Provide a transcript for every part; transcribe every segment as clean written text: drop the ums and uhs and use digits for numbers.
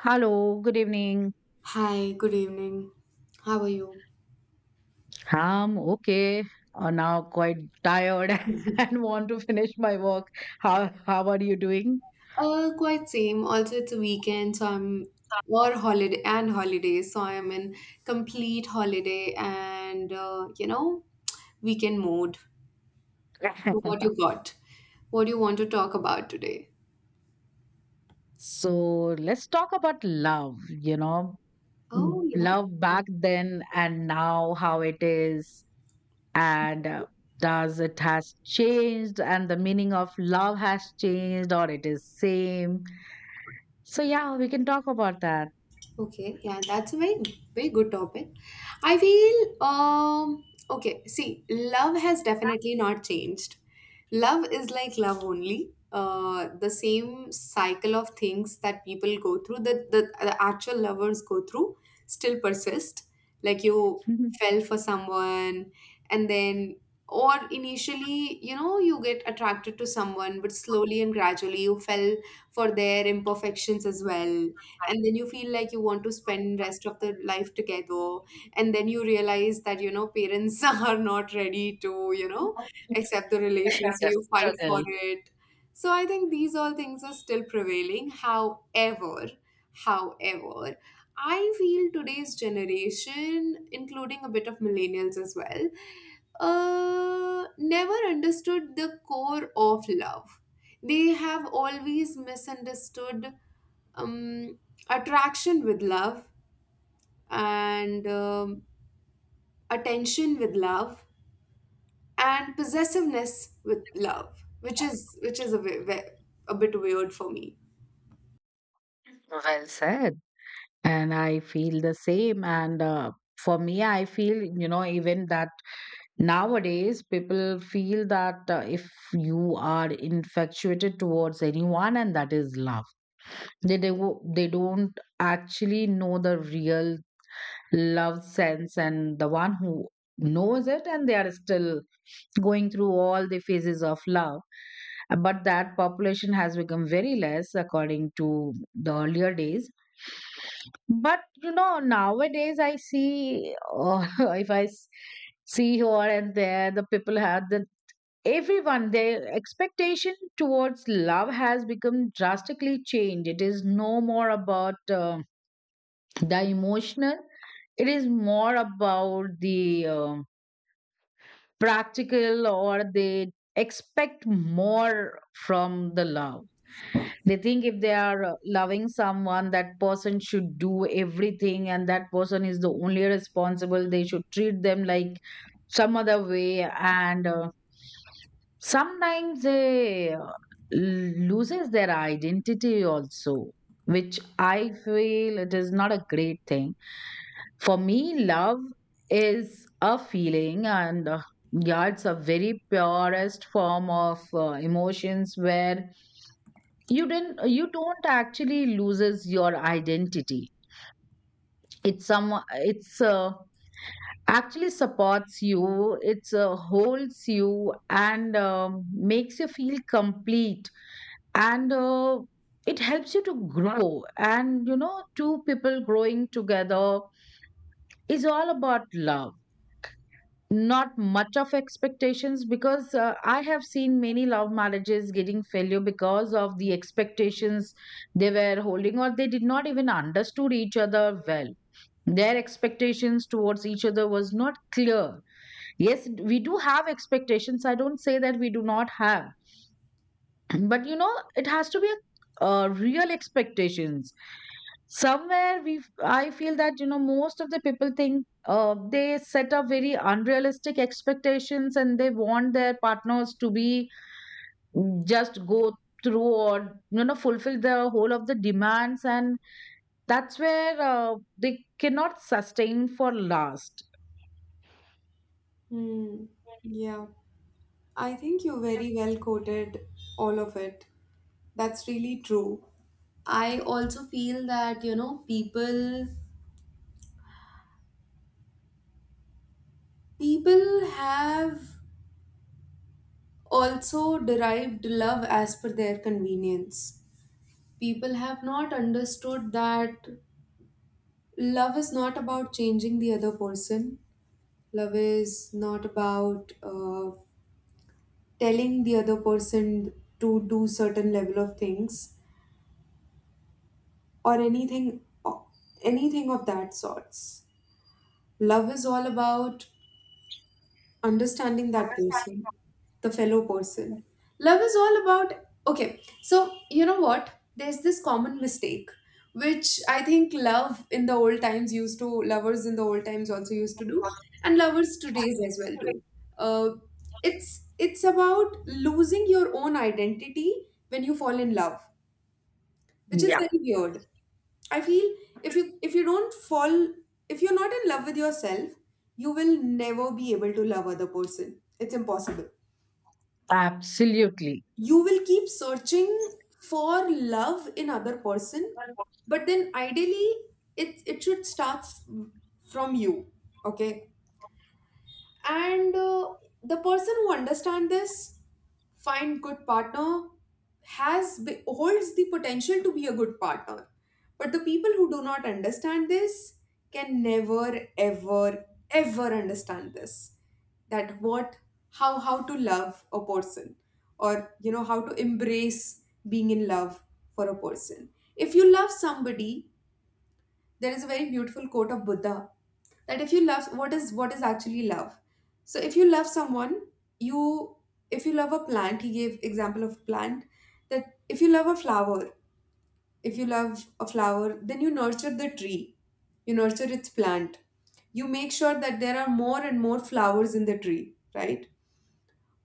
Hello, good evening. Hi, good evening. How are you? I'm okay. Now quite tired Mhm. and want to finish my work. How are you doing? Quite same. Also, it's a weekend, so I'm or holiday and holiday, so I'm in complete holiday and weekend mode. So what you got? What do you want to talk about today? So let's talk about love. Oh yeah. Love back then and now, how it is, and does it has changed, and the meaning of love has changed, or it is same. So yeah, we can talk about that. Okay, yeah, that's a very very good topic. I feel okay, see, love has definitely not changed. Love is like love only. The same cycle of things that people go through, that the actual lovers go through, still persist. Like you The fell for someone, and then, or initially, you get attracted to someone, but slowly and gradually you fell for their imperfections as well, and then you feel like you want to spend rest of the life together, and then you realize that parents are not ready to accept the relation, so you fight for struggle. it. So I think these all things are still prevailing, however I feel today's generation, including a bit of millennials as well, never understood the core of love. They have always misunderstood um, attraction with love, and attention with love, and possessiveness with love, which is a bit weird for me. Well said. And I feel the same. And for me, I feel, even that nowadays people feel that if you are infatuated towards anyone and that is love, they don't actually know the real love sense, and the one who knows it and they are still going through all the phases of love, but that population has become very less according to the earlier days. But nowadays I see, if I see here and there, the people have the everyone their expectation towards love has become drastically changed. It is no more about the emotional; it is more about the practical, or they expect more from the love. They think if they are loving someone, that person should do everything, and that person is the only responsible. They should treat them like some other way. And sometimes they loses their identity also, which I feel it is not a great thing. For me, love is a feeling, and yeah, it's a very purest form of emotions where you don't actually loses your identity. It's actually supports you. It's holds you and makes you feel complete. And it helps you to grow, and two people growing together is all about love, not much of expectations. Because I have seen many love marriages getting failure because of the expectations they were holding, or they did not even understood each other well. Their expectations towards each other was not clear. Yes, we do have expectations, I don't say that we do not have. But it has to be a, real expectations somewhere. We I feel that most of the people think they set up very unrealistic expectations and they want their partners to be, just go through or fulfill the whole of the demands, and that's where they cannot sustain for last. Hmm. Yeah, I think you very well quoted all of it. That's really true. I also feel that, people have also derived love as per their convenience. People have not understood that love is not about changing the other person. Love is not about telling the other person to do certain level of things, or anything of that sorts. Love is all about understanding that person, the fellow person. Love is all about, okay, so you know what? There's this common mistake, which I think love in the old times used to, lovers in the old times also used to do, and lovers today's as well do. Uh, it's about losing your own identity when you fall in love, which is Yeah. very weird. I feel if you don't fall, if you're not in love with yourself, you will never be able to love other person. It's impossible. Absolutely. You will keep searching for love in other person, but then ideally it should start from you. Okay? And the person who understands this find good partner, holds the potential to be a good partner, but the people who do not understand this can never ever ever understand this, that what how to love a person, or how to embrace being in love for a person. If you love somebody, there is a very beautiful quote of Buddha that if you love, what is actually love. So if you love someone, you if you love a plant, he gave example of plant, that if you love a flower, if you love a flower then you nurture the tree, you nurture its plant, you make sure that there are more and more flowers in the tree, right?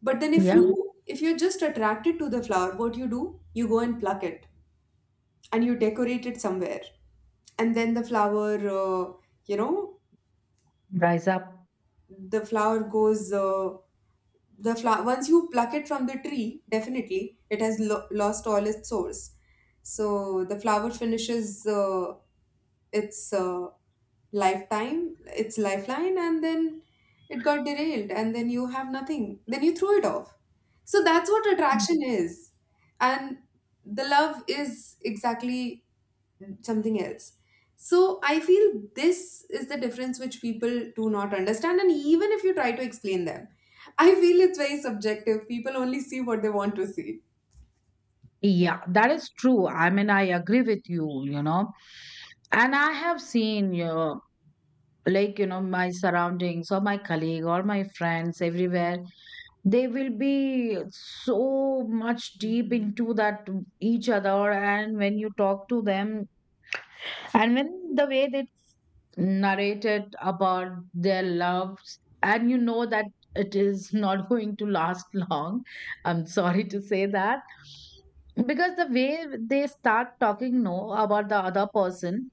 But then if you, Yeah. if you're just attracted to the flower, what you do? You go and pluck it, and you decorate it somewhere, and then uh, you know Rise up. the flower goes uh, the flower, once you pluck it from the tree, definitely it has lost all its source. So the flower finishes its lifetime, its lifeline, and then it got derailed, and then you have nothing, then you throw it off. So that's what attraction is. And the love is exactly something else. So I feel this is the difference which people do not understand, and even if you try to explain them, I feel it's very subjective. People only see what they want to see. Yeah, that is true. I mean, I agree with you. You know And I have seen you, like, my surroundings or my colleague or my friends everywhere, they will be so much deep into that each other, and when you talk to them and when the way they narrated about their loves, and that it is not going to last long. I'm sorry to say that, because the way they start talking no about the other person,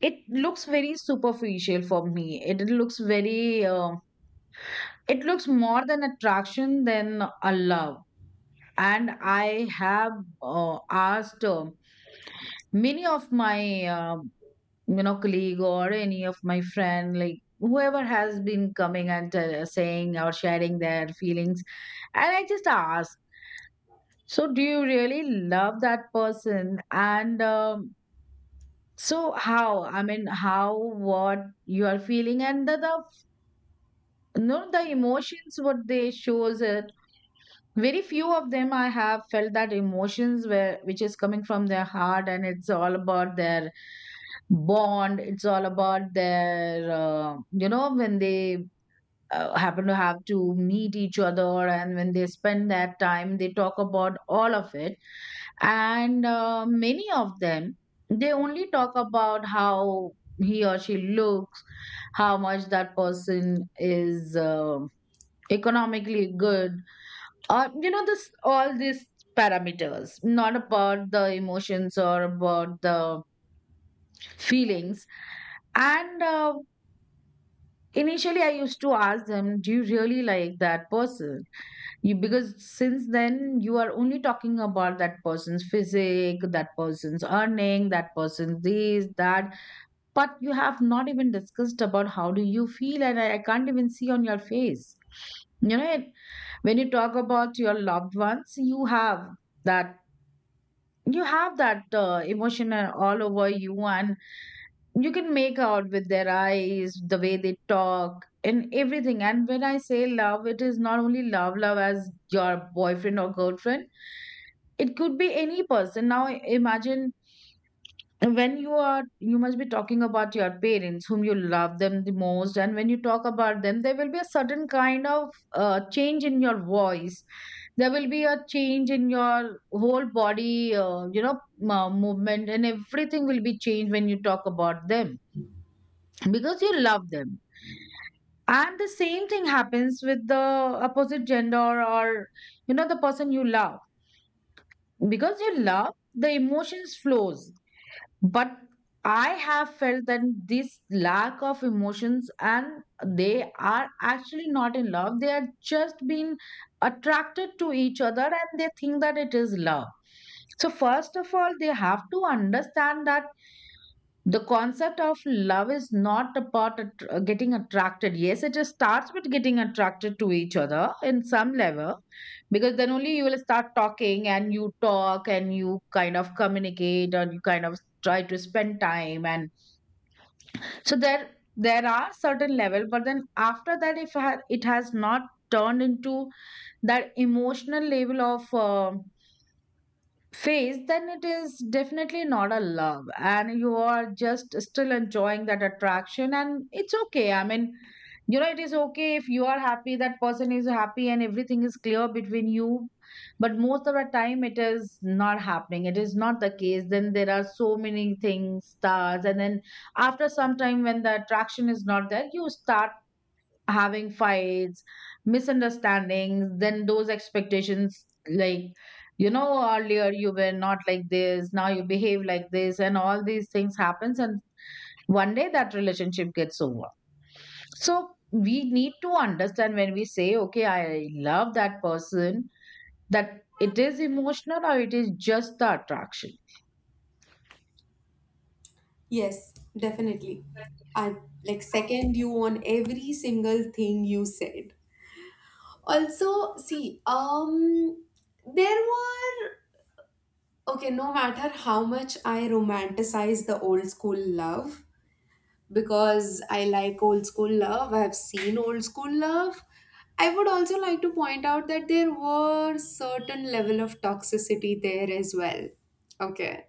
it looks very superficial for me. It looks very, it looks more than attraction than a love. And I have asked many of my, uh, colleague or any of my friend, like whoever has been coming and tell saying or sharing their feelings. And I just asked, so do you really love that person? And so how, I mean how what you are feeling, and the, no, the emotions what they shows it. Very few of them I have felt that emotions where which is coming from their heart, and it's all about their bond. It's all about their when they happen to have to meet each other and when they spend that time, they talk about all of it. And many of them, they only talk about how he or she looks, how much that person is, economically good. This all these parameters, not about the emotions or about the feelings. And initially I used to ask them, do you really like that person? You Because since then you are only talking about that person's physique, that person's earning, that person's this that, but you have not even discussed about how do you feel. And I can't even see on your face, you know when you talk about your loved ones, you have that, emotion all over you. And you can make out with their eyes the way they talk and everything. And when I say love, it is not only love as your boyfriend or girlfriend. It could be any person now, imagine. And when you must be talking about your parents whom you love them the most. And when you talk about them, there will be a certain kind of change in your voice. There will be a change in your whole body, movement, and everything will be changed when you talk about them, because you love them. And the same thing happens with the opposite gender, or the person you love. Because you love, the emotions flows. But I have felt that this lack of emotions, and they are actually not in love, they are just being attracted to each other, and they think that it is love. So first of all, they have to understand that the concept of love is not about getting attracted. Yes, it just starts with getting attracted to each other in some level, because then only you will start talking, and you talk and you kind of communicate and you kind of try to spend time, and so there, are certain level. But then after that, if it has not turned into that emotional level of phase, then it is definitely not a love, and you are just still enjoying that attraction, and it's okay. I mean, it is okay if you are happy, that person is happy, and everything is clear between you. But most of the time, it is not happening. It is not the case. Then there are so many things, stars, and then after some time, when the attraction is not there, you start having fights, misunderstandings, then those expectations, like, earlier you were not like this, now you behave like this, and all these things happens. And one day that relationship gets over. So we need to understand when we say, okay, I love that person, that it is emotional or it is just the attraction. Yes, definitely. I like second you on every single thing you said. Also, see, there were okay, no matter how much I romanticize the old school love, because I like old school love. I've seen old school love. I would also like to point out that there were certain level of toxicity there as well. Okay.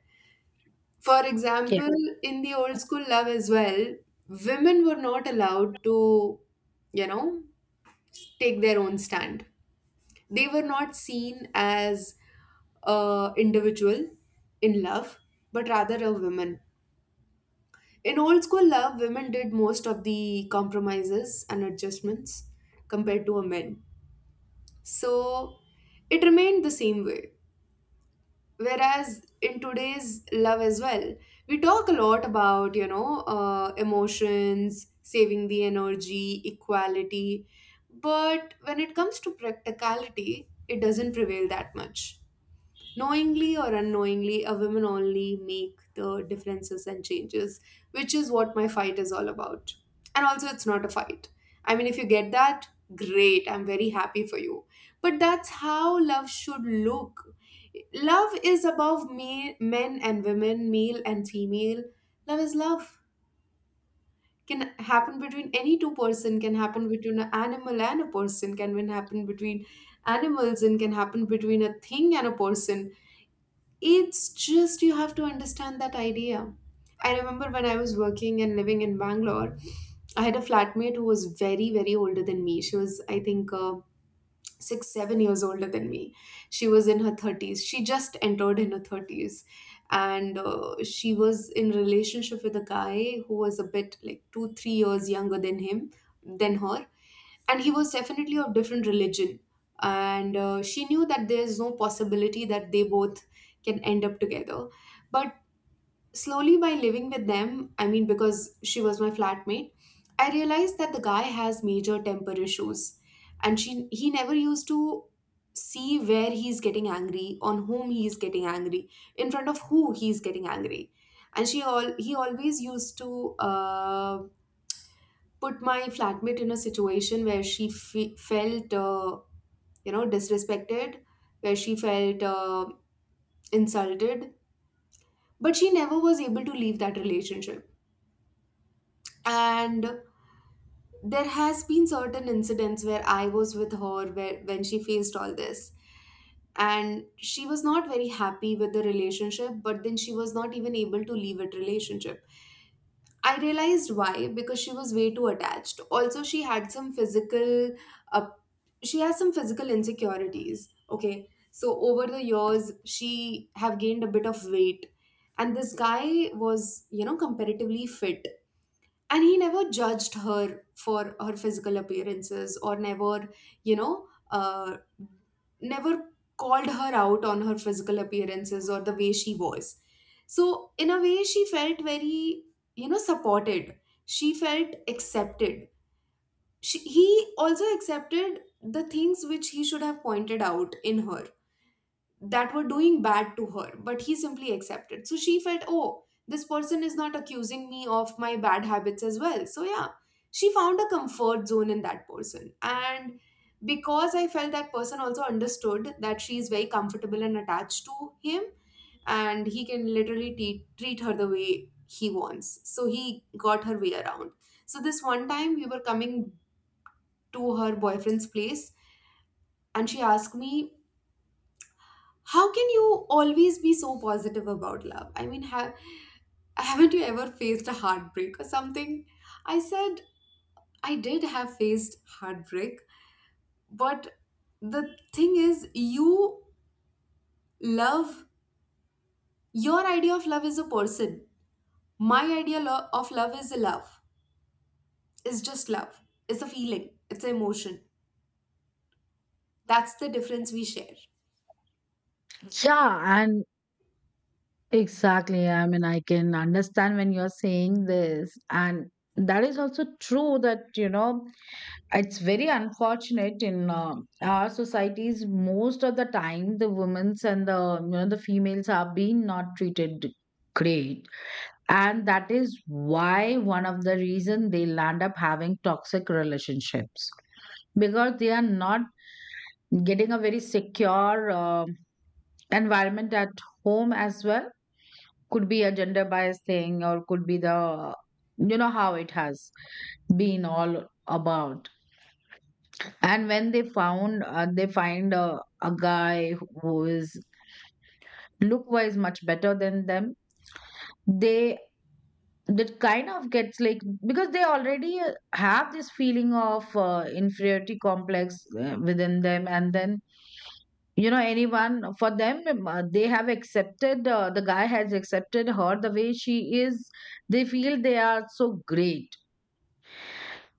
For Yeah. example, in the old school love as well, women were not allowed to, you know, take their own stand. They were not seen as a individual in love, but rather a woman. In old school love, women did most of the compromises and adjustments compared to a men. So it remained the same way. Whereas in today's love as well, we talk a lot about, emotions, saving the energy, equality. But when it comes to practicality, it doesn't prevail that much. Knowingly or unknowingly, a woman only make the differences and changes, which is what my fight is all about. And also, it's not a fight. I mean, if you get that, great. I'm very happy for you. But that's how love should look. Love is above me, men and women, male and female. Love is love. Can happen between any two person. Can happen between an animal and a person. Can even happen between animals, and can happen between a thing and a person. It's just you have to understand that idea. I remember when I was working and living in Bangalore, I had a flatmate who was very, very older than me. She was, I think, 6, 7 years older than me. She was in her 30s. She just entered in her 30s. And she was in relationship with a guy who was a bit like 2, 3 years younger than him, than her, and he was definitely of different religion. And she knew that there's no possibility that they both can end up together. But slowly by living with them, I mean because she was my flatmate, I realized that the guy has major temper issues, and she, he never used to see where he's getting angry, on whom he's getting angry, in front of who he's getting angry. And she, all he always used to put my flatmate in a situation where she felt disrespected, where she felt insulted. But she never was able to leave that relationship. And there has been certain incidents where I was with her, where when she faced all this. And she was not very happy with the relationship, but then she was not even able to leave it relationship. I realized why, because she was way too attached. Also, uh, she has some physical insecurities. Okay, so over the years, she have gained a bit of weight, and this guy was, comparatively fit, and he never judged her for her physical appearances, or never, you know, uh, never called her out on her physical appearances, or the way she was. So, in a way, she felt very, supported. She felt accepted. She, he also accepted the things which he should have pointed out in her that were doing bad to her, but he simply accepted. So she felt, oh, this person is not accusing me of my bad habits as well. So, yeah, she found a comfort zone in that person. And because I felt that person also understood that she is very comfortable and attached to him, and he can literally treat her the way he wants. So he got her way around. So this one time we were coming to her boyfriend's place, and she asked me, "How can you always be so positive about love? I mean, haven't you ever faced a heartbreak or something?" I said, "I did have faced heartbreak, but the thing is you love, your idea of love is a person. My idea of love is a love. Is just love. It's a feeling, it's an emotion. That's the difference we share." Yeah, and exactly. I mean, I can understand when you're saying this. And that is also true that, it's very unfortunate in our societies. Most of the time, the women's and the females are being not treated great. And that is why one of the reason they land up having toxic relationships, because they are not getting a very secure environment at home as well. Could be a gender bias thing, or could be the, how it has been all about. And when they found they find a guy who is look wise much better than them, they, that kind of gets like, because they already have this feeling of inferiority complex within them. And then anyone for them, they have accepted, the guy has accepted her the way she is, they feel they are so great.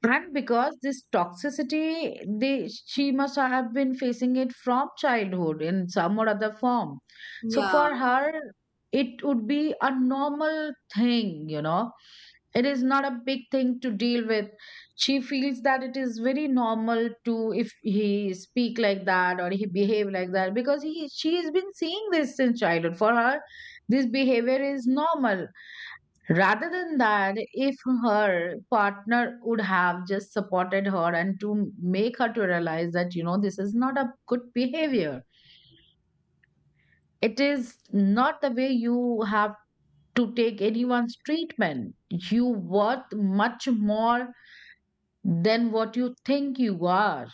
And because this toxicity, they she must have been facing it from childhood in some or other form. So Yeah, for her, it would be a normal thing, it is not a big thing to deal with. She feels that it is very normal to, if he speak like that or he behave like that, because he she has been seeing this since childhood. For her, this behavior is normal. Rather than that, if her partner would have just supported her and to make her to realize that, this is not a good behavior. It is not the way you have to take anyone's treatment. You worth much more than what you think you are.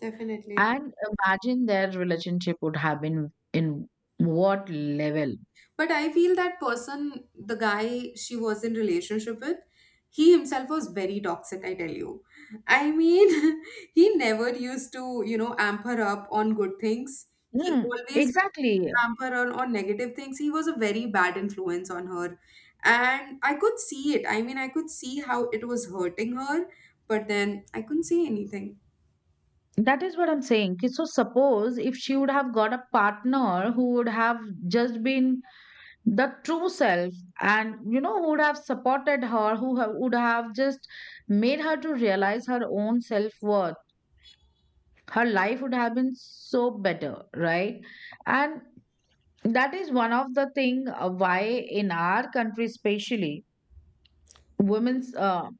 definitely. And imagine their relationship would have been in what level. But I feel that person, the guy she was in relationship with, he himself was very toxic, I tell you. I mean, he never used to, amp her up on good things. He Mm, always used exactly. to amp her on negative things. He was a very bad influence on her. And I could see it. I mean, I could see how it was hurting her, but then I couldn't say anything. That is what I'm saying. कि So suppose if she would have got a partner who would have just been the true self, and who would have supported her, who would have just made her to realize her own self-worth, her life would have been so better, right? And that is one of the thing why in our country, especially women's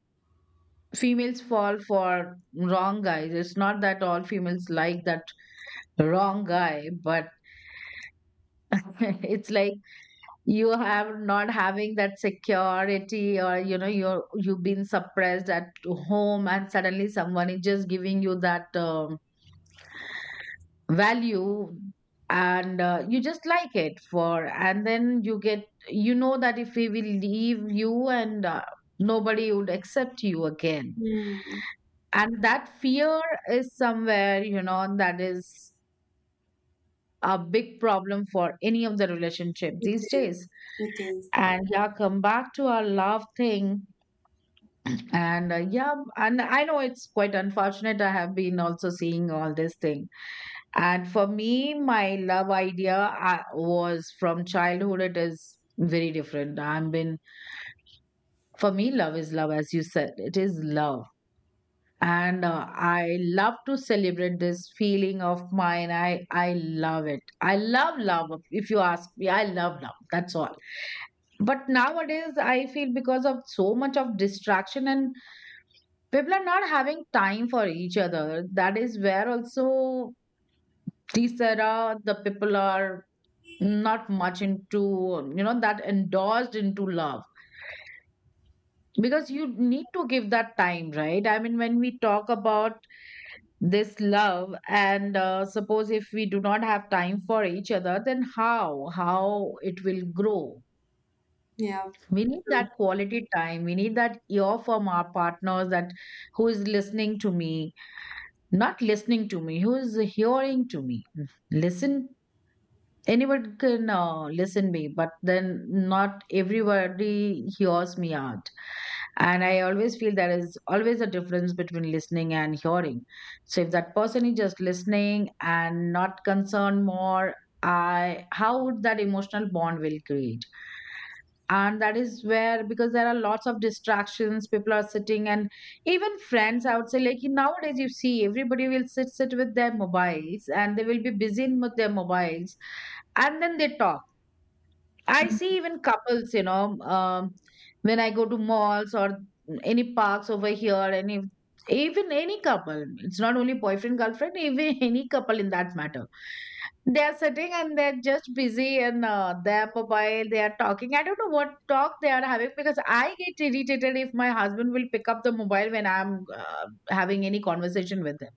females fall for wrong guys. It's not that all females like that wrong guy, but it's like you have not having that security, or you know you've been suppressed at home, and suddenly someone is just giving you that value, and you just like it for and then you get you know that if we will leave you and nobody would accept you again, Mm, and that fear is somewhere, you know, that is a big problem for any of the relationship it these is. days. It is. And yeah, come back to our love thing. And yeah, and I know it's quite unfortunate. I have been also seeing all this thing. And for me, my love idea was from childhood. It is very different. I've been For me, love is love, as you said. It is love, and I love to celebrate this feeling of mine. I love it. I love love. If you ask me, I love love. That's all. But nowadays I feel because of so much of distraction and people are not having time for each other, that is where also these era the people are not much into, you know, that endorsed into love, because you need to give that time, right? I mean, when we talk about this love and suppose if we do not have time for each other, then how it will grow. Yeah. We need True. that quality time, we need that ear from our partners, that who is listening to me. Not listening to me, who is hearing to me. Listen, anyone can listen me, but then not everybody hears me out. And I always feel there is always a difference between listening and hearing. So if that person is just listening and not concerned more, I how would that emotional bond will create. And that is where, because there are lots of distractions, people are sitting, and even friends, I would say, like nowadays you see everybody will sit with their mobiles, and they will be busy with their mobiles, and then they talk. I see even couples, you know, um, when I go to malls or any parks over here, any even any couple, it's not only boyfriend girlfriend, even any couple in that matter, they are sitting and they're just busy and their mobile they are talking. I don't know what talk they are having, because I get irritated if my husband will pick up the mobile when I'm uh, having any conversation with him.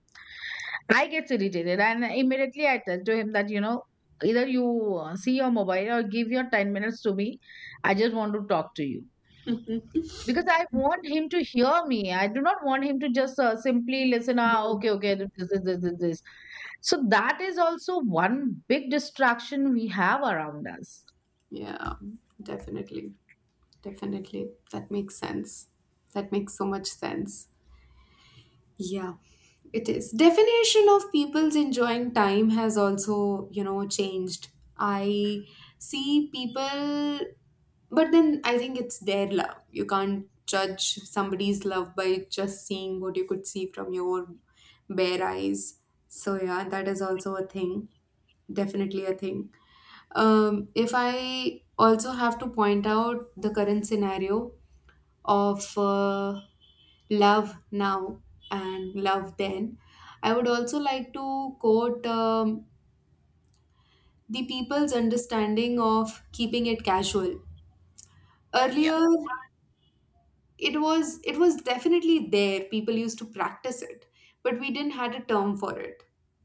I get irritated and immediately I tell to him that, you know, either you see your mobile or give your 10 minutes to me. I just want to talk to you, because I want him to hear me. I do not want him to just simply listen, ah, okay, okay, this this this this this." So that is also one big distraction we have around us. Yeah, definitely. Definitely. That makes sense. That makes so much sense. Yeah, it is. Definition of people's enjoying time has also, changed. I see people, but then I think it's their love. You can't judge somebody's love by just seeing what you could see from your bare eyes. So, yeah, that is also a thing. Definitely a thing. If I also have to point out the current scenario of love now and love then, I would also like to quote the people's understanding of keeping it casual. Yeah, Earlier, it was definitely there, people used to practice it, but we didn't had a term for it.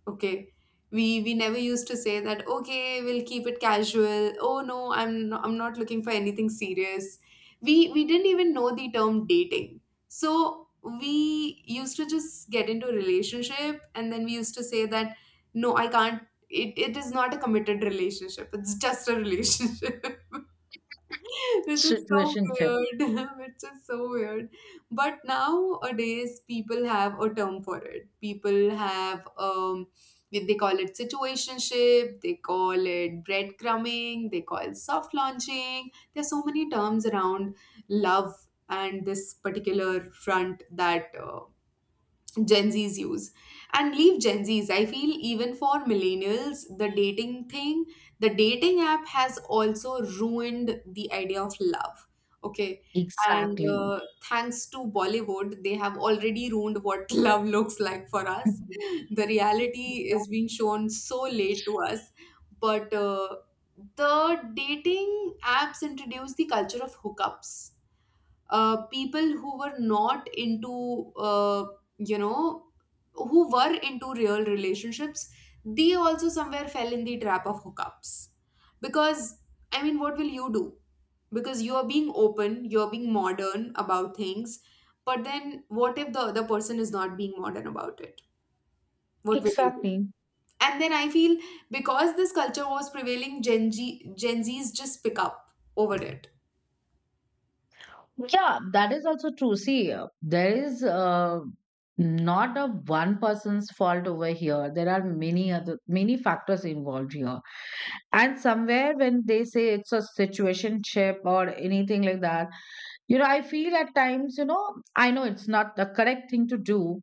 Okay, we never used to say that okay, we'll keep it casual. Oh no, I'm not looking for anything serious. We didn't even know the term dating. So we used to just get into a relationship, and then we used to say that no, I can't. It is not a committed relationship, it's just a relationship which is so situationship, weird which is so weird. But nowadays people have a term for it. People have they call it situationship, they call it breadcrumbing, they call soft launching. There's so many terms around love, and this particular front that Gen Z's use. And leave Gen Z's, I feel even for millennials, the dating thing, the dating app has also ruined the idea of love. Okay. And exactly. Thanks to Bollywood, they have already ruined what love looks like for us. The reality is being shown so late to us. But the dating apps introduce the culture of hookups. People who were not into you know who were into real relationships, they also somewhere fell in the trap of hookups. Because I mean what will you do, because you are being open, you're being modern about things, but then what if the other person is not being modern about it? What will you do? Exactly. And then I feel because this culture was prevailing, Gen Z's just pick up over it. Yeah, that is also true. See, there is not a one person's fault over here. There are many factors involved here. And somewhere when they say it's a situationship or anything like that, you know, I feel at times, you know, I know it's not the correct thing to do,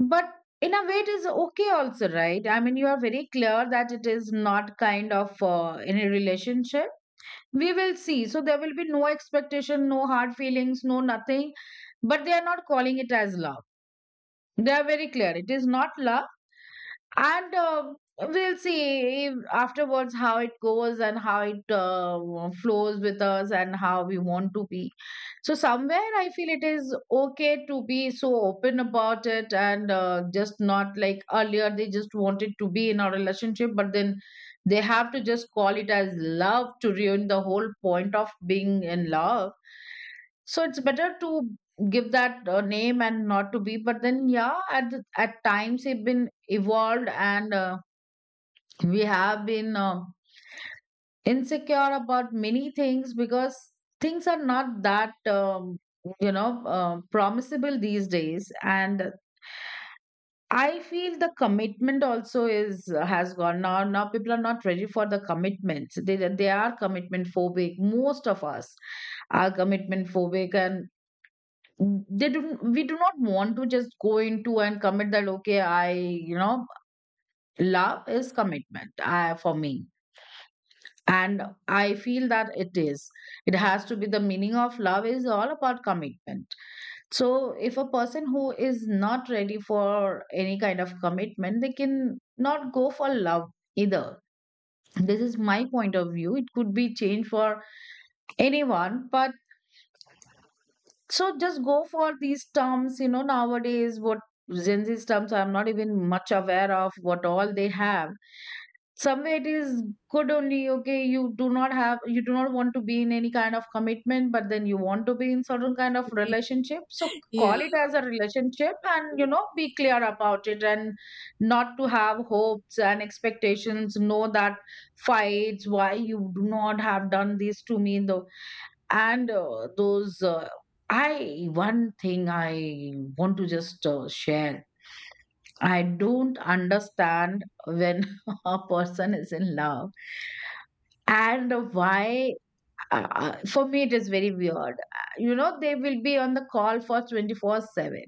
but in a way it is okay also, right? I mean, you are very clear that it is not kind of any relationship we will see, so there will be no expectation, no hard feelings, no nothing, but they are not calling it as love. They are very clear it is not love. And um, we'll see afterwards how it goes and how it flows with us and how we want to be. So somewhere I feel it is okay to be so open about it, and just not like earlier they just wanted to be in a relationship, but then they have to just call it as love to ruin the whole point of being in love. So it's better to give that name and not to be, but then yeah, at at times they've been evolved, and we have been insecure about many things, because things are not that you know, promisable these days. And I feel the commitment also is has gone now. Now people are not ready for the commitments. They are commitment phobic. Most of us are commitment phobic, and they do we do not want to just go into and commit that okay I, you know, love is commitment. For me, and I feel that it is, it has to be, the meaning of love is all about commitment. So if a person who is not ready for any kind of commitment, they can not go for love either. This is my point of view. It could be changed for anyone, but so just go for these terms, you know, nowadays what Gen Z terms I'm not even much aware of what all they have. Somewhere it is good only, okay, you do not have you do not want to be in any kind of commitment, but then you want to be in certain kind of relationship. So Yeah. call it as a relationship and you know be clear about it, and not to have hopes and expectations, know that fights, why you do not have done this to me in the and those I one thing I want to just share. I don't understand when a person is in love, and why, for me it is very weird, you know, they will be on the call for 24/7.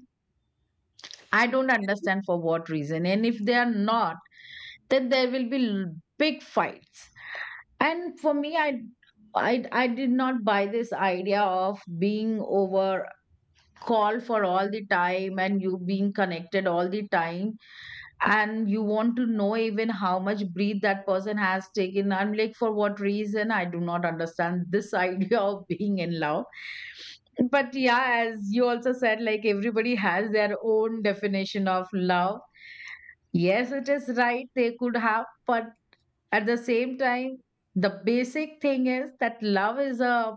I don't understand for what reason. And if they are not, then there will be big fights. And for me, I did not buy this idea of being over call for all the time, and you being connected all the time, and you want to know even how much breath that person has taken. I'm like, for what reason? I do not understand this idea of being in love. But yeah, as you also said, like everybody has their own definition of love. Yes, it is right, they could have, but at the same time, the basic thing is that love is a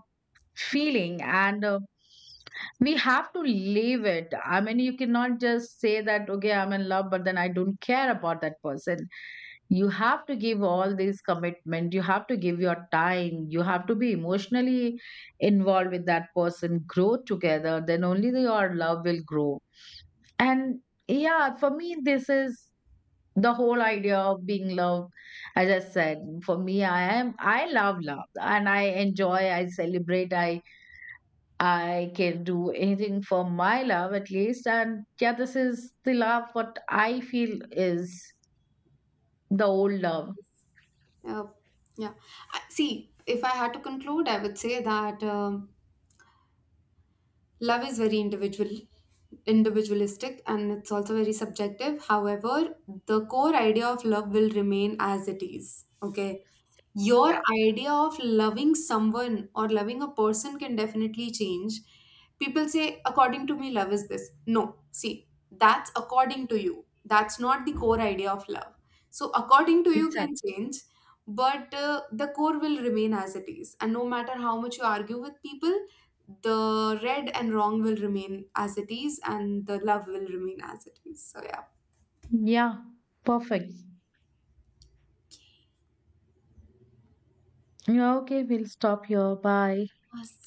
feeling, and we have to leave it. I mean, you cannot just say that okay I'm in love, but then I don't care about that person. You have to give all this commitment, you have to give your time, you have to be emotionally involved with that person, grow together, then only your love will grow. And yeah, for me this is the whole idea of being loved. As I said, for me, I love love, and I enjoy, I celebrate, I can do anything for my love at least. And yeah, this is the love what I feel is the old love. Uh, yeah. See, if I had to conclude, I would say that love is very individual, individualistic, and it's also very subjective. However, the core idea of love will remain as it is. Okay, Yeah, your idea of loving someone or loving a person can definitely change. People say, according to me, love is this. No, see, that's according to you. That's not the core idea of love. So, according to you can exactly. change, but the core will remain as it is. And no matter how much you argue with people, the right and wrong will remain as it is, and the love will remain as it is. So, yeah. Yeah, perfect. Yeah, okay, we'll stop here. Bye. Yes.